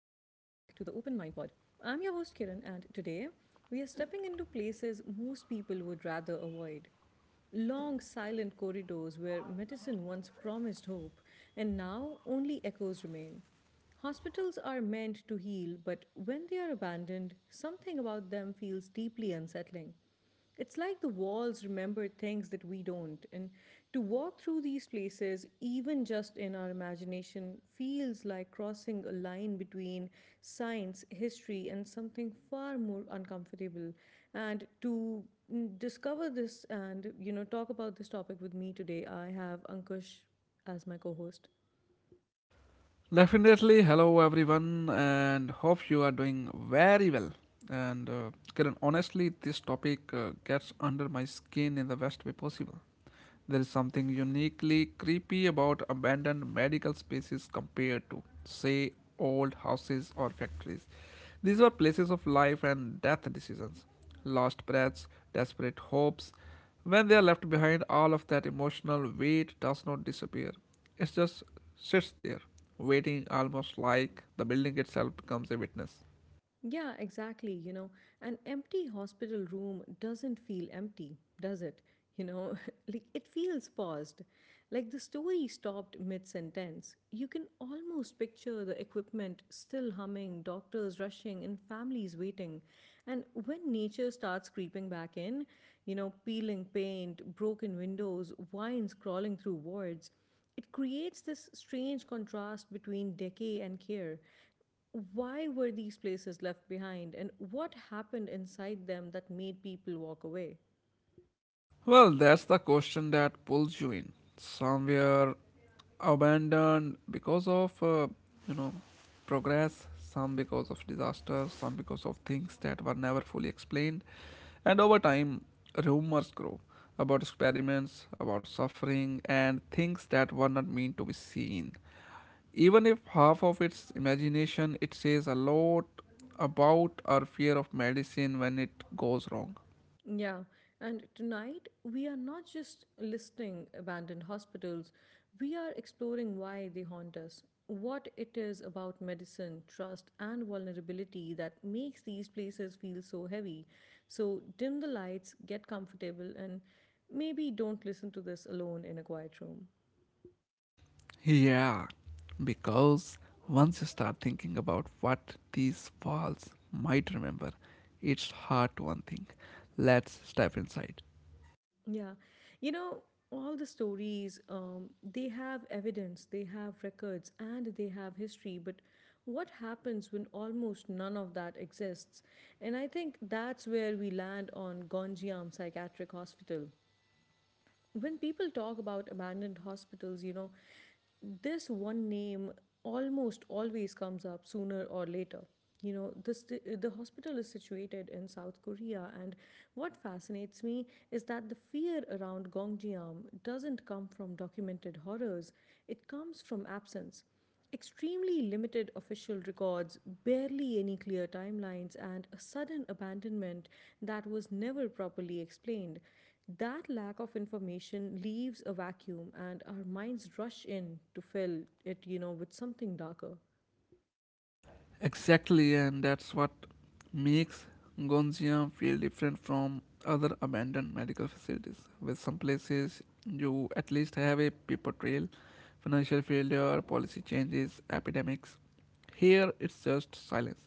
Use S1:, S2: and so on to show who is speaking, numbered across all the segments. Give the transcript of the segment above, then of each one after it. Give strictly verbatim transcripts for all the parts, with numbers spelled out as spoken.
S1: Mind Pod. I'm your host Kiran, and today we are stepping into places most people would rather avoid. Long, silent corridors where medicine once promised hope and now only echoes remain. Hospitals are meant to heal, but when they are abandoned, something about them feels deeply unsettling. It's like the walls remember things that we don't. And to walk through these places, even just in our imagination, feels like crossing a line between science, history, and something far more uncomfortable. And to mm, discover this and, you know, talk about this topic with me today, I have Ankush as my co host.
S2: Definitely. Hello, everyone, and hope you are doing very well. And uh, Kiran, honestly, this topic uh, gets under my skin in the best way possible. There is something uniquely creepy about abandoned medical spaces compared to, say, old houses or factories. These were places of life and death decisions, lost breaths, desperate hopes. When they are left behind, all of that emotional weight does not disappear. It just sits there, waiting, almost like the building itself becomes a witness.
S1: Yeah, exactly. You know, an empty hospital room doesn't feel empty, does it? You know, like it feels paused. Like the story stopped mid sentence. You can almost picture the equipment still humming, doctors rushing, and families waiting. And when nature starts creeping back in, you know, peeling paint, broken windows, vines crawling through wards, it creates this strange contrast between decay and care. Why were these places left behind, and what happened inside them that made people walk away?
S2: Well, that's the question that pulls you in. Somewhere abandoned because of, uh, you know, progress, some because of disaster, some because of things that were never fully explained. And over time, rumors grow about experiments, about suffering, and things that were not meant to be seen. Even if half of its imagination, it says a lot about our fear of medicine when it goes wrong.
S1: Yeah, and tonight we are not just listing abandoned hospitals, we are exploring why they haunt us, what it is about medicine, trust, and vulnerability that makes these places feel so heavy. So, dim the lights, get comfortable, and maybe don't listen to this alone in a quiet room.
S2: Yeah, because once you start thinking about what these walls might remember, it's hard to unthink. Let's step inside.
S1: Yeah. You know, all the stories, um, they have evidence, they have records, and they have history. But what happens when almost none of that exists? And I think that's where we land on Gonjiam Psychiatric Hospital. When people talk about abandoned hospitals, you know, this one name almost always comes up sooner or later. You know, this the hospital is situated in South Korea, and what fascinates me is that the fear around Gongjiam doesn't come from documented horrors; it comes from absence. Extremely limited official records, barely any clear timelines, and a sudden abandonment that was never properly explained. That lack of information leaves a vacuum, and our minds rush in to fill it, you know, with something darker.
S2: Exactly, and that's what makes Gonziam feel different from other abandoned medical facilities. With some places, you at least have a paper trail: financial failure, policy changes, epidemics. Here, it's just silence.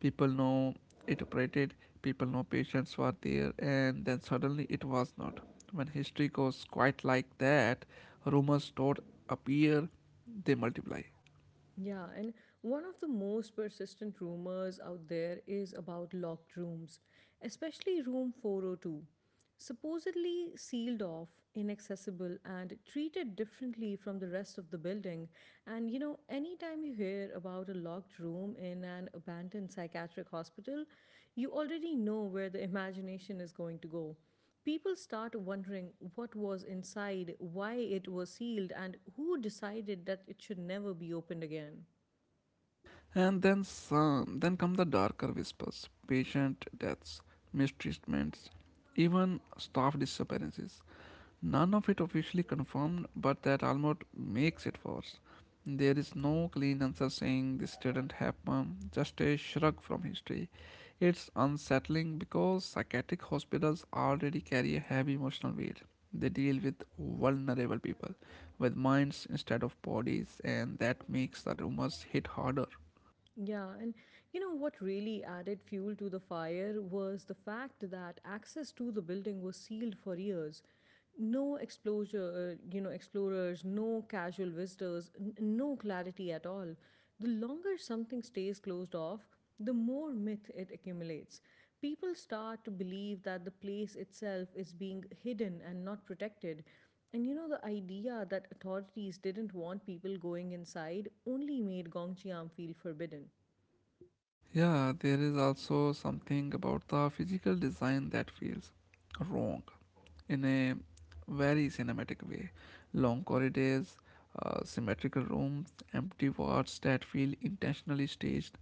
S2: People know it operated, people know patients were there, and then suddenly it was not. When history goes quite like that, rumors don't appear, they multiply.
S1: Yeah, and one of the most persistent rumors out there is about locked rooms, especially room four oh two. Supposedly sealed off, inaccessible, and treated differently from the rest of the building. And you know, anytime you hear about a locked room in an abandoned psychiatric hospital, you already know where the imagination is going to go. People start wondering what was inside, why it was sealed, and who decided that it should never be opened again.
S2: And then some, then come the darker whispers: patient deaths, mistreatments, even staff disappearances. None of it officially confirmed, but that almost makes it worse. There is no clean answer saying this didn't happen, just a shrug from history. It's unsettling because psychiatric hospitals already carry a heavy emotional weight. They deal with vulnerable people, with minds instead of bodies, and that makes the rumors hit harder.
S1: Yeah, and you know what really added fuel to the fire was the fact that access to the building was sealed for years. No exposure, uh, you know, explorers, no casual visitors, n- no clarity at all. The longer something stays closed off, the more myth it accumulates. People start to believe that the place itself is being hidden and not protected. And you know, the idea that authorities didn't want people going inside only made Gongchiam feel forbidden.
S2: Yeah, there is also something about the physical design that feels wrong in a very cinematic way. Long corridors, uh, symmetrical rooms, empty wards that feel intentionally staged.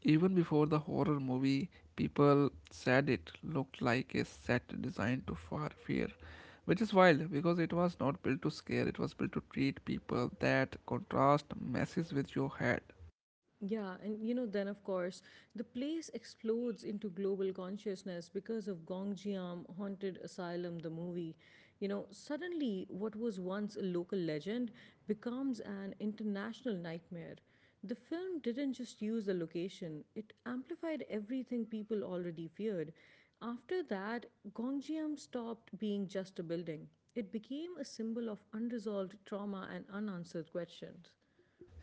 S2: Even before the horror movie, people said it looked like a set designed to far fear, which is wild because it was not built to scare, it was built to treat people. That contrast messes with your head.
S1: Yeah, and you know, then of course, the place explodes into global consciousness because of Gongjiam Haunted Asylum, the movie. You know, suddenly what was once a local legend becomes an international nightmare. The film didn't just use the location, it amplified everything people already feared. After that, Gongjiam stopped being just a building. It became a symbol of unresolved trauma and unanswered questions.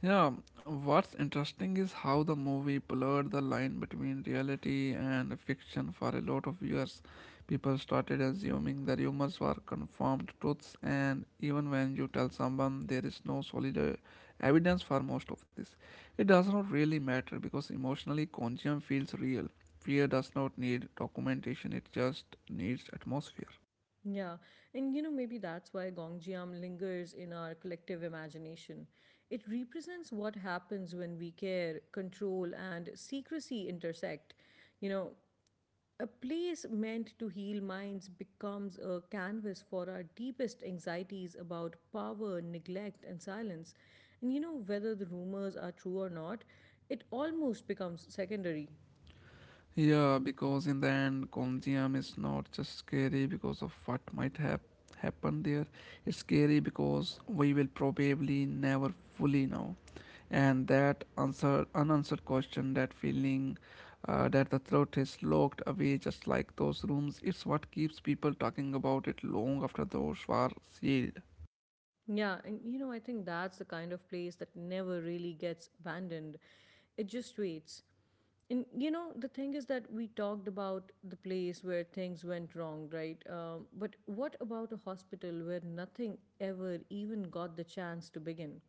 S2: Yeah, what's interesting is how the movie blurred the line between reality and fiction for a lot of years. People started assuming the rumors were confirmed truths, and even when you tell someone there is no solid uh, evidence for most of this, it does not really matter because emotionally, Conjuring feels real. Fear does not need documentation, it just needs atmosphere.
S1: Yeah, and you know, maybe that's why Gongjiam lingers in our collective imagination. It represents what happens when we care, control, and secrecy intersect. You know, a place meant to heal minds becomes a canvas for our deepest anxieties about power, neglect, and silence. And you know, whether the rumors are true or not, it almost becomes secondary.
S2: Yeah, because in the end, Konjiam is not just scary because of what might have happened there. It's scary because we will probably never fully know. And that answer, unanswered question, that feeling uh, that the truth is locked away, just like those rooms, it's what keeps people talking about it long after those were sealed.
S1: Yeah, and you know, I think that's the kind of place that never really gets abandoned. It just waits. And you know, the thing is that we talked about the place where things went wrong, right? Um, but what about a hospital where nothing ever even got the chance to begin?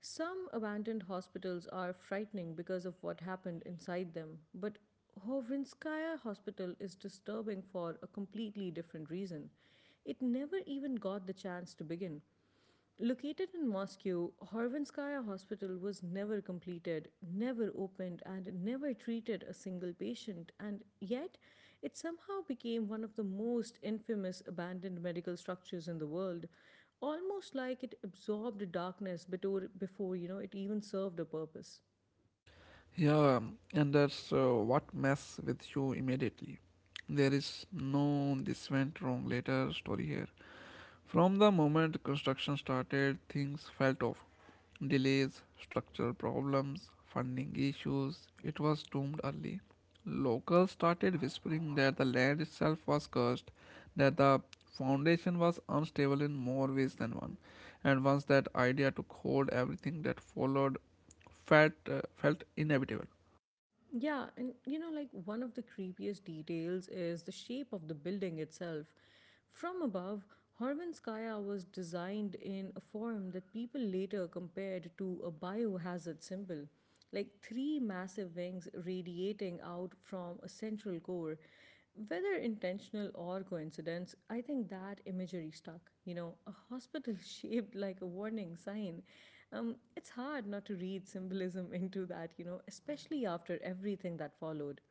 S1: Some abandoned hospitals are frightening because of what happened inside them, but Hovinskaya Hospital is disturbing for a completely different reason. It never even got the chance to begin. Located in Moscow, Horvinskaya Hospital was never completed, never opened, and never treated a single patient, and yet it somehow became one of the most infamous abandoned medical structures in the world, almost like it absorbed darkness before, before you know it even served a purpose.
S2: Yeah, and that's uh, what mess with you immediately. There is no this went wrong later story here. From the moment construction started, things felt off. Delays, structural problems, funding issues, it was doomed early. Locals started whispering that the land itself was cursed, that the foundation was unstable in more ways than one. And once that idea took hold, everything that followed felt, uh, felt inevitable.
S1: Yeah, and you know, like one of the creepiest details is the shape of the building itself. From above, Horvinskaya was designed in a form that people later compared to a biohazard symbol, like three massive wings radiating out from a central core. Whether intentional or coincidence, I think that imagery stuck. You know, a hospital shaped like a warning sign. Um, it's hard not to read symbolism into that, you know, especially after everything that followed.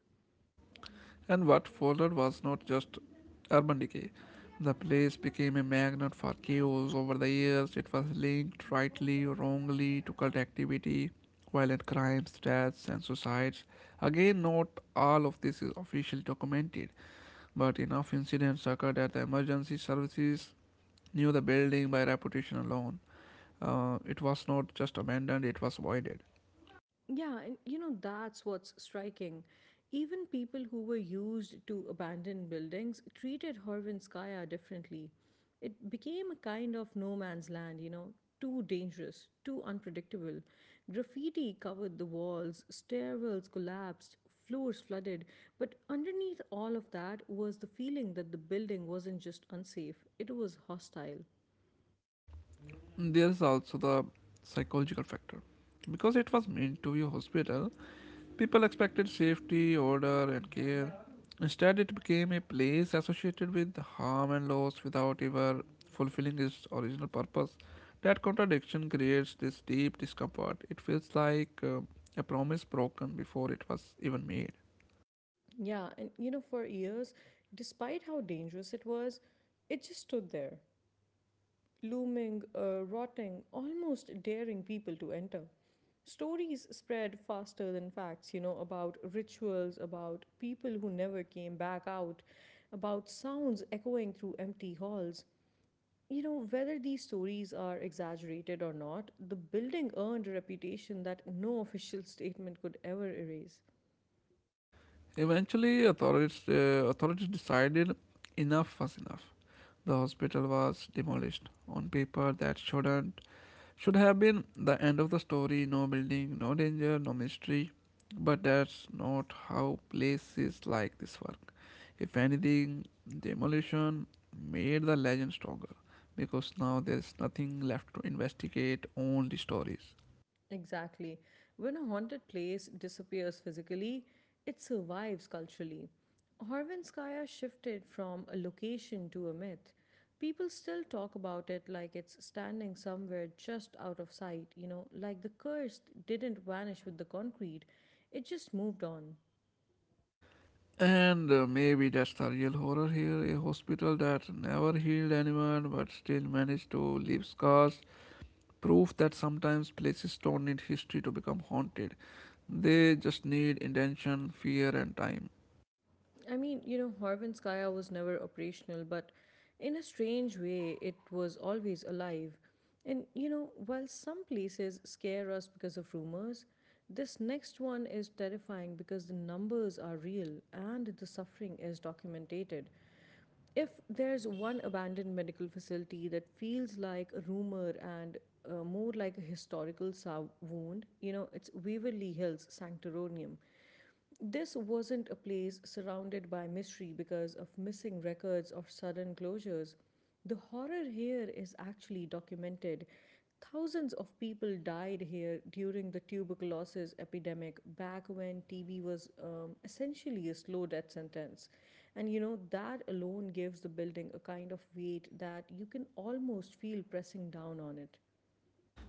S2: And what followed was not just urban decay. The place became a magnet for chaos over the years. It was linked, rightly or wrongly, to cult activity, violent crimes, deaths, and suicides. Again, not all of this is officially documented, but enough incidents occurred that the emergency services knew the building by reputation alone. Uh, it was not just abandoned, it was voided.
S1: Yeah, and you know, that's what's striking. Even people who were used to abandoned buildings treated Horvinskaya differently. It became a kind of no man's land, you know, too dangerous, too unpredictable. Graffiti covered the walls, stairwells collapsed, floors flooded, but underneath all of that was the feeling that the building wasn't just unsafe, it was hostile.
S2: There is also the psychological factor. Because it was meant to be a hospital, people expected safety, order, and care. Instead, it became a place associated with harm and loss without ever fulfilling its original purpose. That contradiction creates this deep discomfort. It feels like uh, a promise broken before it was even made.
S1: Yeah, and you know, for years, despite how dangerous it was, it just stood there, looming, uh, rotting, almost daring people to enter. Stories spread faster than facts, you know, about rituals, about people who never came back out, about sounds echoing through empty halls. You know, whether these stories are exaggerated or not, the building earned a reputation that no official statement could ever erase.
S2: Eventually, authorities, uh, authorities decided enough was enough. The hospital was demolished on paper. That shouldn't Should have been the end of the story: no building, no danger, no mystery. But that's not how places like this work. If anything, demolition made the legend stronger, because now there's nothing left to investigate, only stories.
S1: Exactly. When a haunted place disappears physically, it survives culturally. Horvinskaya shifted from a location to a myth. People still talk about it like it's standing somewhere just out of sight, you know, like the curse didn't vanish with the concrete, it just moved on.
S2: And uh, maybe that's the real horror here: a hospital that never healed anyone but still managed to leave scars. Proof that sometimes places don't need history to become haunted. They just need intention, fear, and time.
S1: I mean, you know, Horvinskaya was never operational, but in a strange way, it was always alive. And, you know, while some places scare us because of rumors, this next one is terrifying because the numbers are real and the suffering is documented. If there's one abandoned medical facility that feels like a rumor and uh, more like a historical sou- wound, you know, it's Waverly Hills Sanctoronium. This wasn't a place surrounded by mystery because of missing records or sudden closures. The horror here is actually documented. Thousands of people died here during the tuberculosis epidemic back when T B was um, essentially a slow death sentence. And you know, that alone gives the building a kind of weight that you can almost feel pressing down on it.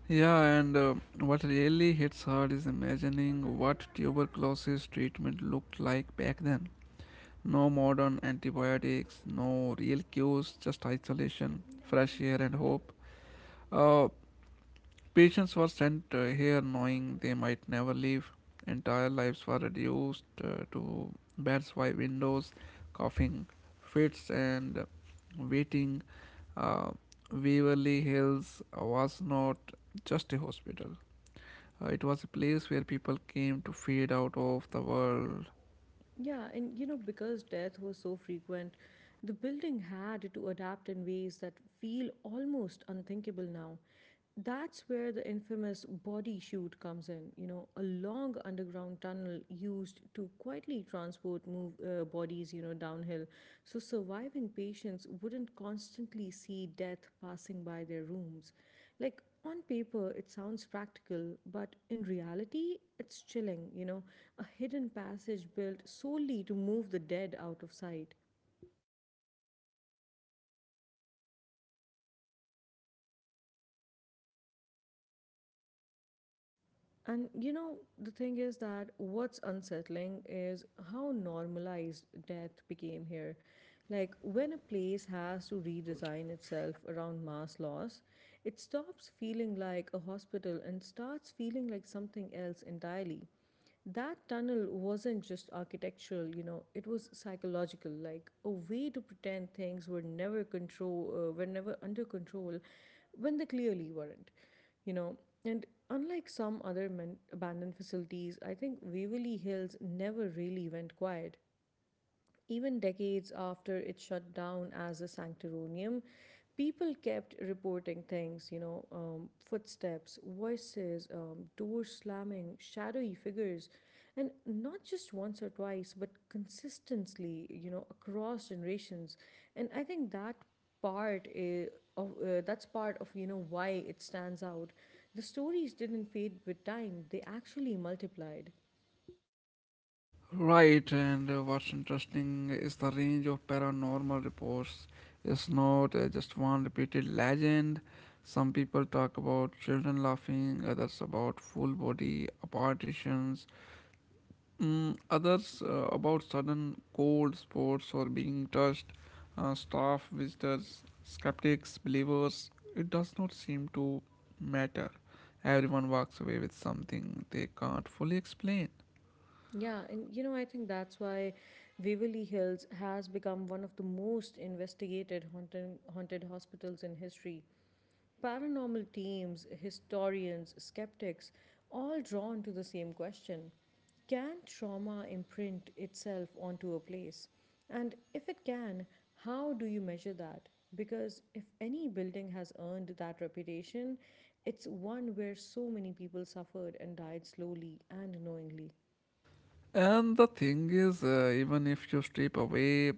S2: Yeah, and uh, what really hits hard is imagining what tuberculosis treatment looked like back then. No modern antibiotics, no real cures, just isolation, fresh air, and hope. Uh, patients were sent uh, here knowing they might never leave. Entire lives were reduced uh, to beds by windows, coughing fits, and waiting. Uh, Waverly Hills was not just a hospital. Uh, it was a place where people came to fade out of the world.
S1: Yeah, and you know, because death was so frequent, the building had to adapt in ways that feel almost unthinkable now. That's where the infamous body chute comes in, you know, a long underground tunnel used to quietly transport move, uh, bodies, you know, downhill, so surviving patients wouldn't constantly see death passing by their rooms. Like, on paper, it sounds practical, but in reality, it's chilling, you know, a hidden passage built solely to move the dead out of sight. And you know, the thing is that what's unsettling is how normalized death became here. Like, when a place has to redesign itself around mass loss, it stops feeling like a hospital and starts feeling like something else entirely. That tunnel wasn't just architectural, you know, it was psychological, like a way to pretend things were never control uh, were never under control when they clearly weren't, you know. And unlike some other men- abandoned facilities, I think Waverly Hills never really went quiet. Even decades after it shut down as a sanctoronium, people kept reporting things, you know, um, footsteps, voices, um, doors slamming, shadowy figures. And not just once or twice, but consistently, you know, across generations. And I think that part is of uh, that's part of, you know, why it stands out. The stories didn't fade with time, they actually multiplied.
S2: Right, and uh, what's interesting is the range of paranormal reports. It's not uh, just one repeated legend. Some people talk about children laughing, others about full body apparitions, Mm, others uh, about sudden cold spots or being touched, uh, staff, visitors, skeptics, believers. It does not seem to matter. Everyone walks away with something they can't fully explain.
S1: Yeah, and you know, I think that's why Waverly Hills has become one of the most investigated haunted, haunted hospitals in history. Paranormal teams, historians, skeptics, all drawn to the same question. Can trauma imprint itself onto a place? And if it can, how do you measure that? Because if any building has earned that reputation, it's one where so many people suffered and died slowly and knowingly.
S2: And the thing is, uh, even if you strip away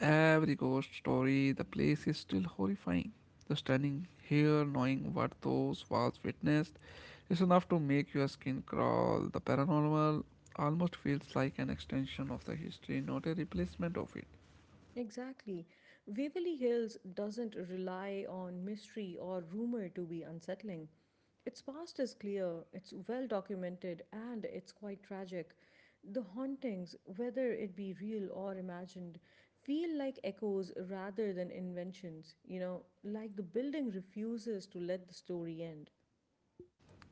S2: every ghost story, the place is still horrifying. Just standing here, knowing what those walls witnessed, is enough to make your skin crawl. The paranormal almost feels like an extension of the history, not a replacement of it.
S1: Exactly. Waverly Hills doesn't rely on mystery or rumor to be unsettling. Its past is clear, it's well documented, and it's quite tragic. The hauntings, whether it be real or imagined, feel like echoes rather than inventions, you know, like the building refuses to let the story end.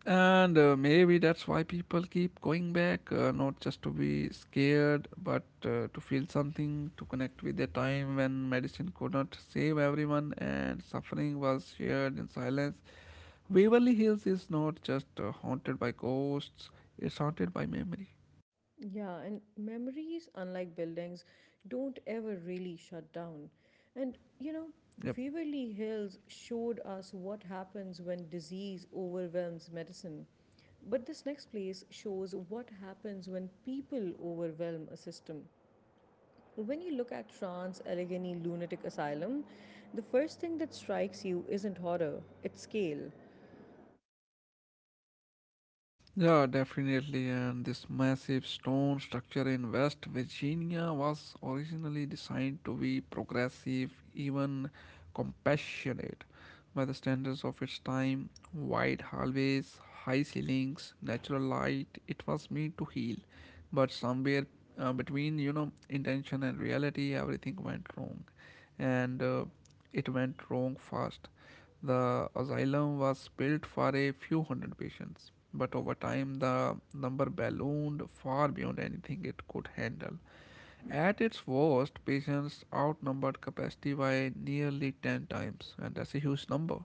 S2: And uh, maybe that's why people keep going back, uh, not just to be scared, but uh, to feel something, to connect with a time when medicine could not save everyone and suffering was shared in silence. Waverly Hills is not just uh, haunted by ghosts, it's haunted by memory.
S1: Yeah, and memories, unlike buildings, don't ever really shut down. And you know,
S2: Yep.
S1: Waverly Hills showed us what happens when disease overwhelms medicine. But this next place shows what happens when people overwhelm a system. When you look at Trans Allegheny Lunatic Asylum, the first thing that strikes you isn't horror, it's scale.
S2: Yeah, definitely. And this massive stone structure in West Virginia was originally designed to be progressive, even compassionate, by the standards of its time. Wide hallways, high ceilings, natural light. It was meant to heal, but somewhere uh, between you know intention and reality, everything went wrong, and uh, it went wrong fast. The asylum was built for a few hundred patients, but over time the number ballooned far beyond anything it could handle. At its worst, patients outnumbered capacity by nearly ten times, and that's a huge number.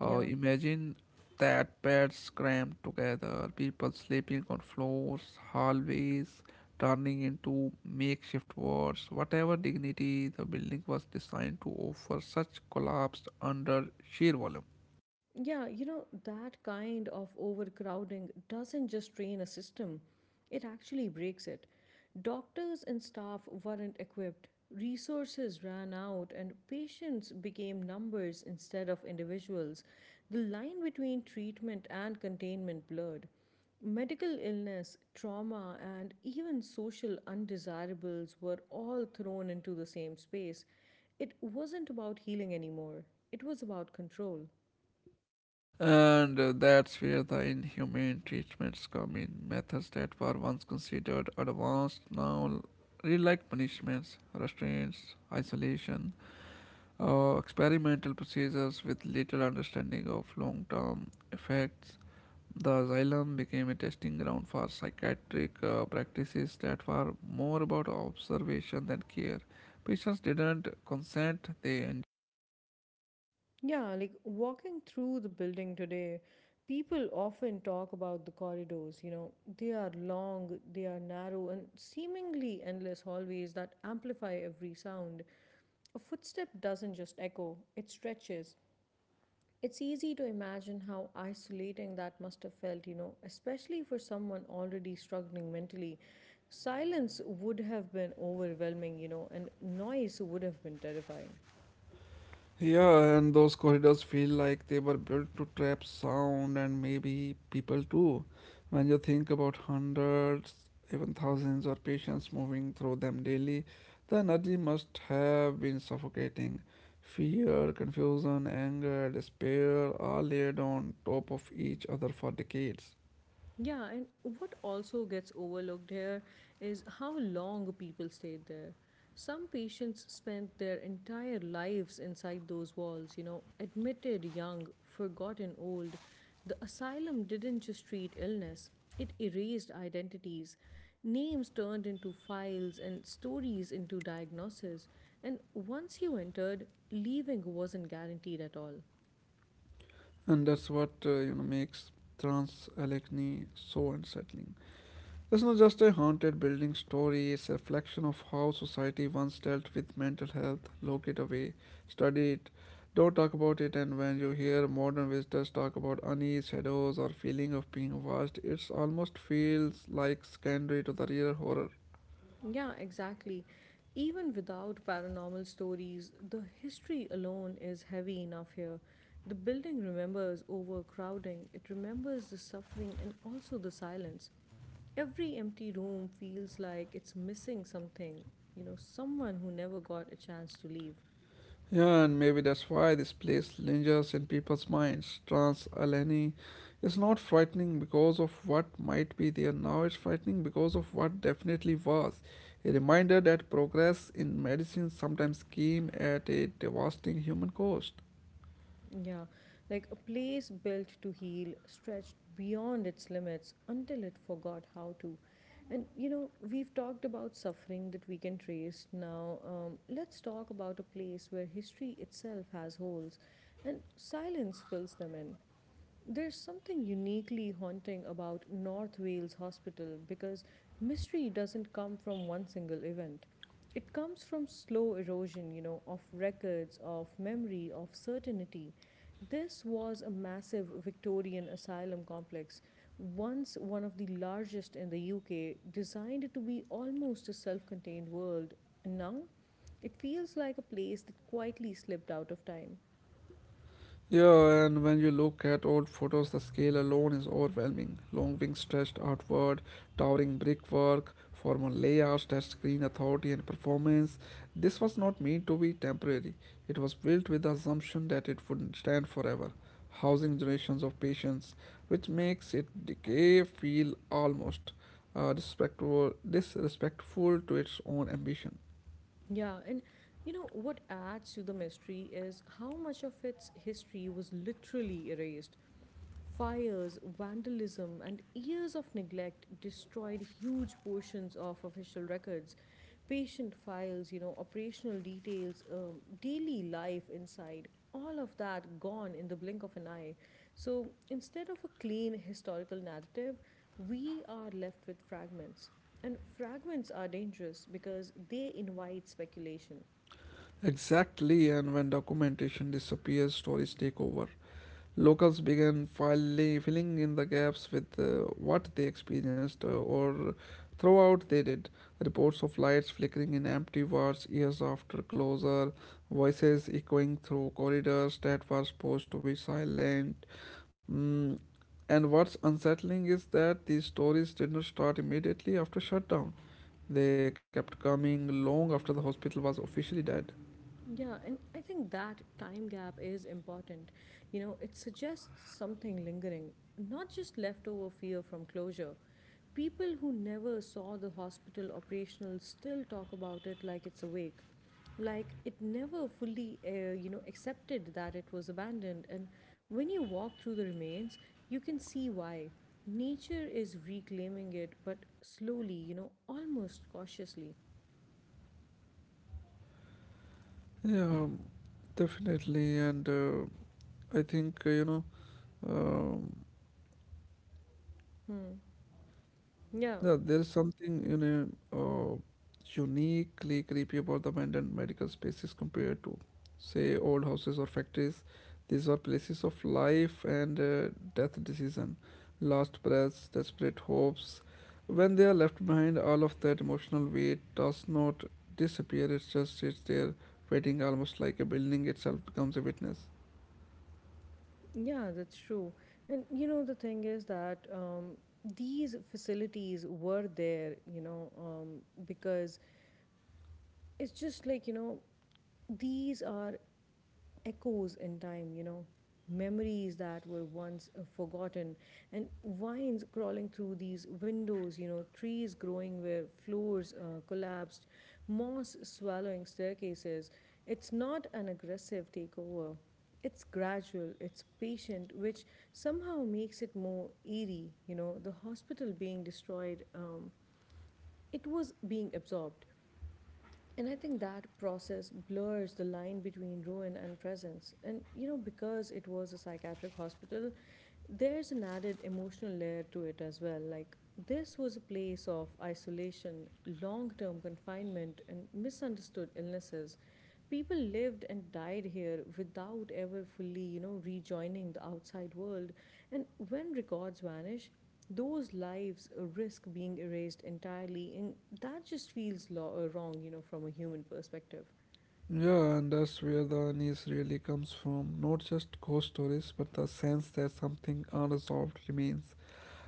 S2: Uh,
S1: Yeah.
S2: imagine that: beds crammed together, people sleeping on floors, hallways turning into makeshift wards. Whatever dignity the building was designed to offer, such collapsed under sheer volume.
S1: Yeah, you know, that kind of overcrowding doesn't just drain a system, it actually breaks it. Doctors and staff weren't equipped, resources ran out, and patients became numbers instead of individuals. The line between treatment and containment blurred. Medical illness, trauma, and even social undesirables were all thrown into the same space. It wasn't about healing anymore, it was about control.
S2: And uh, that's where the inhumane treatments come in. Methods that were once considered advanced now read like punishments: restraints, isolation, or experimental procedures with little understanding of long term effects. The asylum became a testing ground for psychiatric uh, practices that were more about observation than care. Patients didn't consent, they enjoyed.
S1: Yeah, like walking through the building today, people often talk about the corridors. You know, they are long, they are narrow, and seemingly endless hallways that amplify every sound. A footstep doesn't just echo, it stretches. It's easy to imagine how isolating that must have felt, you know, especially for someone already struggling mentally. Silence would have been overwhelming, you know, and noise would have been terrifying.
S2: Yeah, and those corridors feel like they were built to trap sound, and maybe people too. When you think about hundreds, even thousands of patients moving through them daily, the energy must have been suffocating. Fear, confusion, anger, despair are layered on top of each other for decades.
S1: Yeah, and what also gets overlooked here is how long people stayed there. Some patients spent their entire lives inside those walls, you know, admitted young, forgotten old. The asylum didn't just treat illness, it erased identities. Names turned into files and stories into diagnoses. And once you entered, leaving wasn't guaranteed at all.
S2: And that's what uh, you know makes trans-alechny so unsettling. It's not just a haunted building story, it's a reflection of how society once dealt with mental health. Look it away, study it, don't talk about it, and when you hear modern visitors talk about unease, shadows, or feeling of being watched, it almost feels like secondary to the real horror.
S1: Yeah, exactly. Even without paranormal stories, the history alone is heavy enough here. The building remembers overcrowding, it remembers the suffering and also the silence. Every empty room feels like it's missing something, you know, someone who never got a chance to leave.
S2: Yeah, and maybe that's why this place lingers in people's minds. Trans Alani is not frightening because of what might be there now, it's frightening because of what definitely was. A reminder that progress in medicine sometimes came at a devastating human cost.
S1: Yeah, like a place built to heal stretched beyond its limits until it forgot how to. And you know, we've talked about suffering that we can trace. Now, um, let's talk about a place where history itself has holes and silence fills them in. There's something uniquely haunting about North Wales Hospital because mystery doesn't come from one single event. It comes from slow erosion, you know, of records, of memory, of certainty. This was a massive Victorian asylum complex, once one of the largest in the U K, designed to be almost a self contained world. And now it feels like a place that quietly slipped out of time.
S2: Yeah, and when you look at old photos, the scale alone is overwhelming. Long wings stretched outward, towering brickwork, formal layouts that screen authority and performance. This was not meant to be temporary. It was built with the assumption that it would stand forever, housing generations of patients, which makes its decay feel almost uh, disrespectful, disrespectful to its own ambition.
S1: Yeah, and you know what adds to the mystery is how much of its history was literally erased. Fires, vandalism, and years of neglect destroyed huge portions of official records, patient files, you know, operational details, um, daily life inside. All of that gone in the blink of an eye. So instead of a clean historical narrative, we are left with fragments. And fragments are dangerous because they invite speculation.
S2: Exactly, and when documentation disappears, stories take over. Locals began finally filling in the gaps with uh, what they experienced uh, or throughout they did. Reports of lights flickering in empty wards years after closure, voices echoing through corridors that were supposed to be silent. Mm. And what's unsettling is that these stories did not start immediately after shutdown. They kept coming long after the hospital was officially dead.
S1: Yeah, and I think that time gap is important. You know, it suggests something lingering, not just leftover fear from closure. People who never saw the hospital operational still talk about it like it's awake, like it never fully, uh, you know, accepted that it was abandoned. And when you walk through the remains, you can see why. Nature is reclaiming it, but slowly, you know, almost cautiously.
S2: Yeah, definitely. And uh, I think, uh, you know, um,
S1: Hmm. Yeah,
S2: yeah, there's something you know uh, uniquely creepy about the abandoned medical spaces compared to, say, old houses or factories. These were places of life and uh, death decision, lost breaths, desperate hopes. When they are left behind, all of that emotional weight does not disappear. It just sits there, waiting, almost like a building itself becomes a witness.
S1: yeah, that's true. And you know, the thing is that um, these facilities were there, you know, um, because it's just like, you know, these are echoes in time, you know, memories that were once uh, forgotten, and vines crawling through these windows, you know, trees growing where floors uh, collapsed, moss swallowing staircases. It's not an aggressive takeover. It's gradual, it's patient, which somehow makes it more eerie. You know, the hospital being destroyed, um, it was being absorbed. And I think that process blurs the line between ruin and presence. And, you know, because it was a psychiatric hospital, there's an added emotional layer to it as well. Like, this was a place of isolation, long term confinement, and misunderstood illnesses. People lived and died here without ever fully, you know, rejoining the outside world. And when records vanish, those lives uh, risk being erased entirely, and that just feels lo- uh, wrong, you know, from a human perspective.
S2: Yeah, and that's where the unease really comes from. Not just ghost stories, but the sense that something unresolved remains.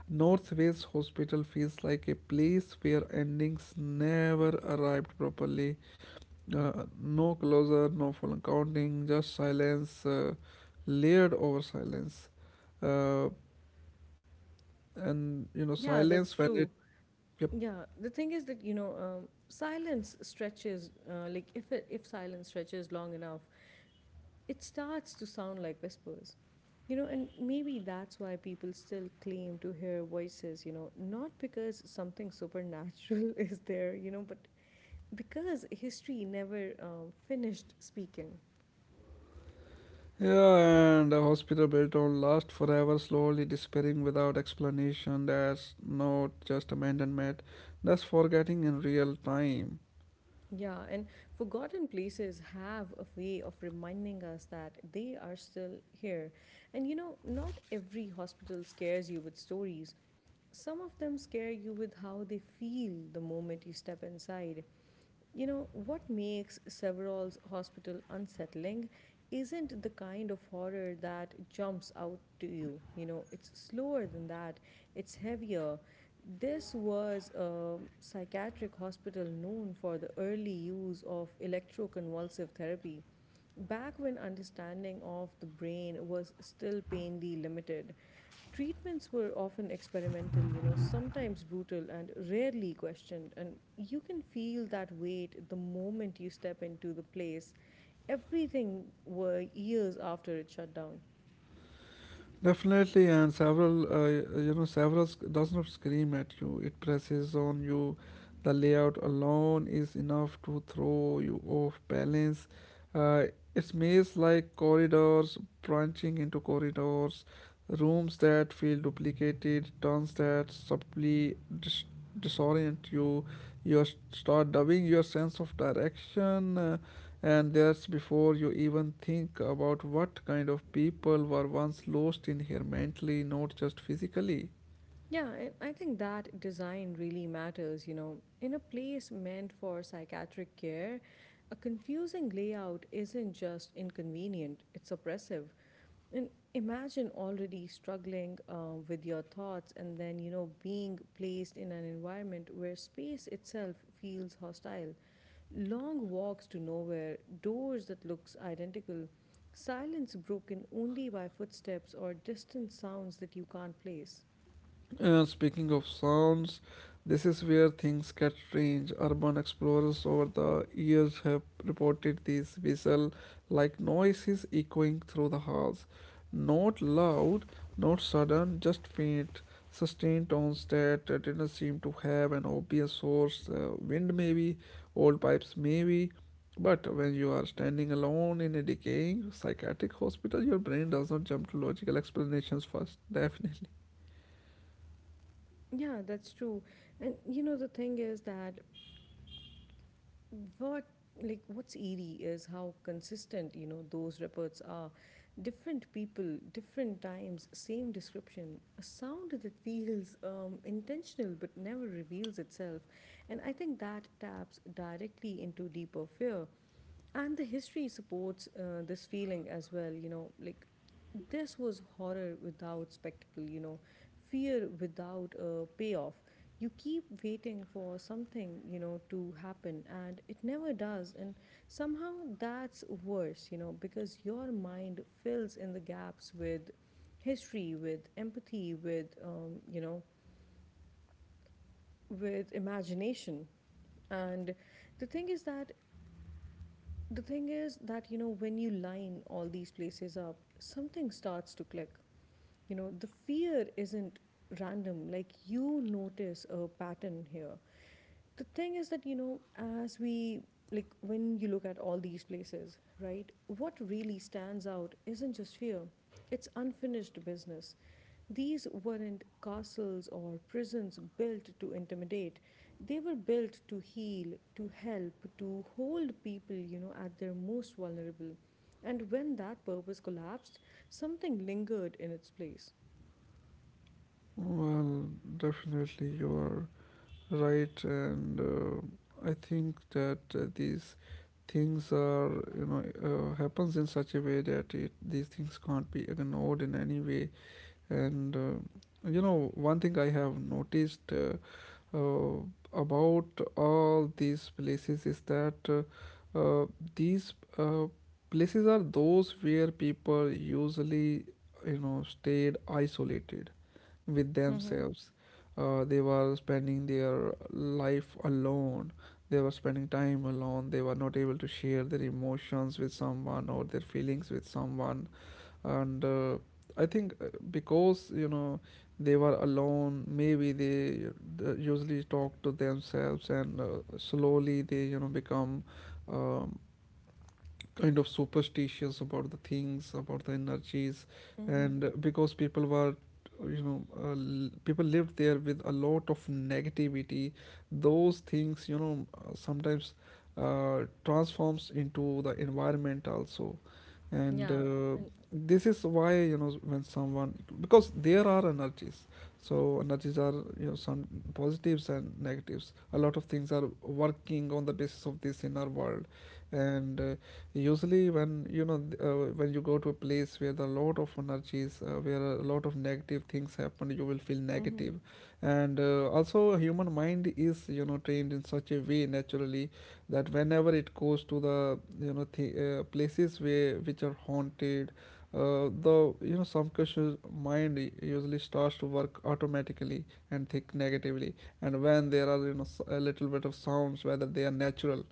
S2: Northway's hospital feels like a place where endings never arrived properly. Uh, no closure, no full accounting, just silence, uh, layered over silence. Uh, and you know,
S1: Yeah, that's
S2: silence when it
S1: true.
S2: yeah,
S1: Yeah, the thing is that, you know, um, silence stretches, uh, like if it, if silence stretches long enough, it starts to sound like whispers, you know. And maybe that's why people still claim to hear voices, you know, not because something supernatural is there, you know, but because history never um, finished speaking.
S2: Yeah, and the hospital bill don't last forever, slowly disappearing without explanation. That's not just abandonment, that's forgetting in real time.
S1: Yeah, and forgotten places have a way of reminding us that they are still here. And you know, not every hospital scares you with stories. Some of them scare you with how they feel the moment you step inside. You know, what makes Severall's hospital unsettling isn't the kind of horror that jumps out to you. You know, it's slower than that, it's heavier. This was a psychiatric hospital known for the early use of electroconvulsive therapy. Back when understanding of the brain was still painfully limited, treatments were often experimental, you know, sometimes brutal and rarely questioned. And you can feel that weight the moment you step into the place, everything were years after it shut down.
S2: Definitely, and several, uh, you know, several sc- does not scream at you. It presses on you. The layout alone is enough to throw you off balance. Uh, it's maze like corridors branching into corridors, rooms that feel duplicated, turns that subtly dis- disorient you. You s- start doubting your sense of direction. uh, and that's before you even think about what kind of people were once lost in here mentally, not just physically.
S1: Yeah, I I think that design really matters. You know, in a place meant for psychiatric care, a confusing layout isn't just inconvenient, it's oppressive. And imagine already struggling uh, with your thoughts and then, you know, being placed in an environment where space itself feels hostile. Long walks to nowhere, doors that looks identical, silence broken only by footsteps or distant sounds that you can't place.
S2: Uh, speaking of sounds, this is where things get strange. Urban explorers over the years have reported these whistle like noises echoing through the halls. Not loud, not sudden, just faint, sustained tones that uh, didn't seem to have an obvious source. Uh, wind, maybe, old pipes, maybe. But when you are standing alone in a decaying psychiatric hospital, your brain does not jump to logical explanations first, definitely.
S1: Yeah, that's true. And you know, the thing is that what like what's eerie is how consistent, you know, those reports are. Different people, different times, same description, a sound that feels um, intentional but never reveals itself. And I think that taps directly into deeper fear. And the history supports uh, this feeling as well, you know. Like, this was horror without spectacle, you know, fear without a payoff. You keep waiting for something, you know, to happen and it never does. And somehow that's worse, you know, because your mind fills in the gaps with history, with empathy, with, um, you know, with imagination. And the thing is that the thing is that, you know, when you line all these places up, something starts to click. You know, the fear isn't random, like, you notice a pattern here. The thing is that, you know, as we like when you look at all these places, right, what really stands out isn't just fear, it's unfinished business. These weren't castles or prisons built to intimidate. They were built to heal, to help, to hold people, you know, at their most vulnerable. And when that purpose collapsed, something lingered in its place.
S2: Well, definitely you are right, and uh, I think that uh, these things are you know uh, happens in such a way that it these things can't be ignored in any way. And uh, You know, one thing I have noticed uh, uh, about all these places is that uh, uh, these uh, places are those where people usually you know stayed isolated with
S1: Mm-hmm.
S2: themselves. Uh, they were spending their life alone. They were spending time alone. They were not able to share their emotions with someone or their feelings with someone. And uh, I think uh, because you know they were alone, maybe they uh, usually talk to themselves, and uh, slowly they you know become um, kind of superstitious about the things, about the energies.
S1: Mm-hmm.
S2: And because people were you know uh, people lived there with a lot of negativity, those things you know uh, sometimes uh, transforms into the environment also, and
S1: Yeah,
S2: uh,
S1: and
S2: this is why you know when someone, because there are energies, so energies are you know some positives and negatives, a lot of things are working on the basis of this in our world. And uh, Usually when you know th- uh, when you go to a place where the lot of energies, uh, where a lot of negative things happen, you will feel negative
S1: mm-hmm.
S2: negative. And uh, Also, human mind is you know trained in such a way naturally that whenever it goes to the you know th- uh, places where which are haunted, uh, the you know some questions, mind u- usually starts to work automatically and think negatively. And when there are you know s- a little bit of sounds, whether they are natural,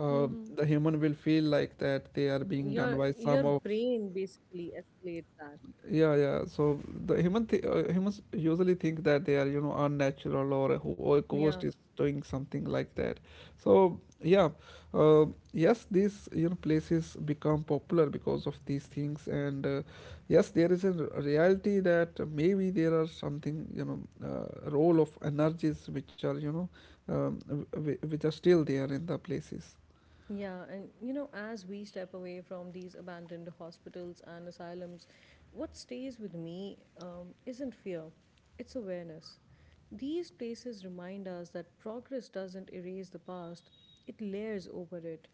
S2: uh,
S1: Mm-hmm.
S2: the human will feel like that they are being
S1: your
S2: done by
S1: your
S2: some of
S1: brain basically escalates that.
S2: yeah yeah So the human th- uh, humans usually think that they are you know unnatural, or who or ghost
S1: Yeah.
S2: is doing something like that. So yeah, uh, yes, these you know places become popular because of these things, and uh, yes, there is a r- reality that maybe there are something you know, uh, role of energies which are you know um, w- w- which are still there in the places.
S1: Yeah, and you know, as we step away from these abandoned hospitals and asylums, what stays with me um, isn't fear, it's awareness. These places remind us that progress doesn't erase the past, it layers over it.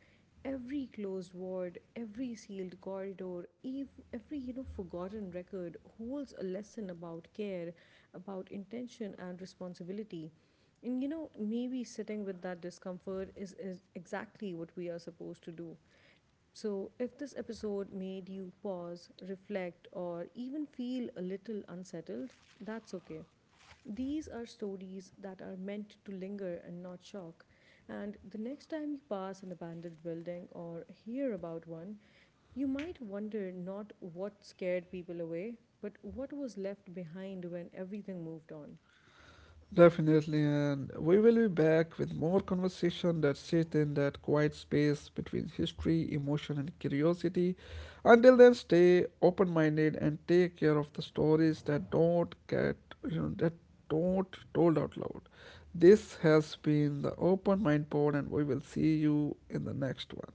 S1: Every closed ward, every sealed corridor, ev- every, you know, forgotten record holds a lesson about care, about intention and responsibility. And you know, maybe sitting with that discomfort is, is exactly what we are supposed to do. So, if this episode made you pause, reflect, or even feel a little unsettled, that's okay. These are stories that are meant to linger and not shock. And the next time you pass an abandoned building or hear about one, you might wonder not what scared people away, but what was left behind when everything moved on.
S2: Definitely, and we will be back with more conversation that sit in that quiet space between history, emotion, and curiosity. Until then, stay open-minded and take care of the stories that don't get you know that don't told out loud. This has been the Open Mind Pod, and we will see you in the next one.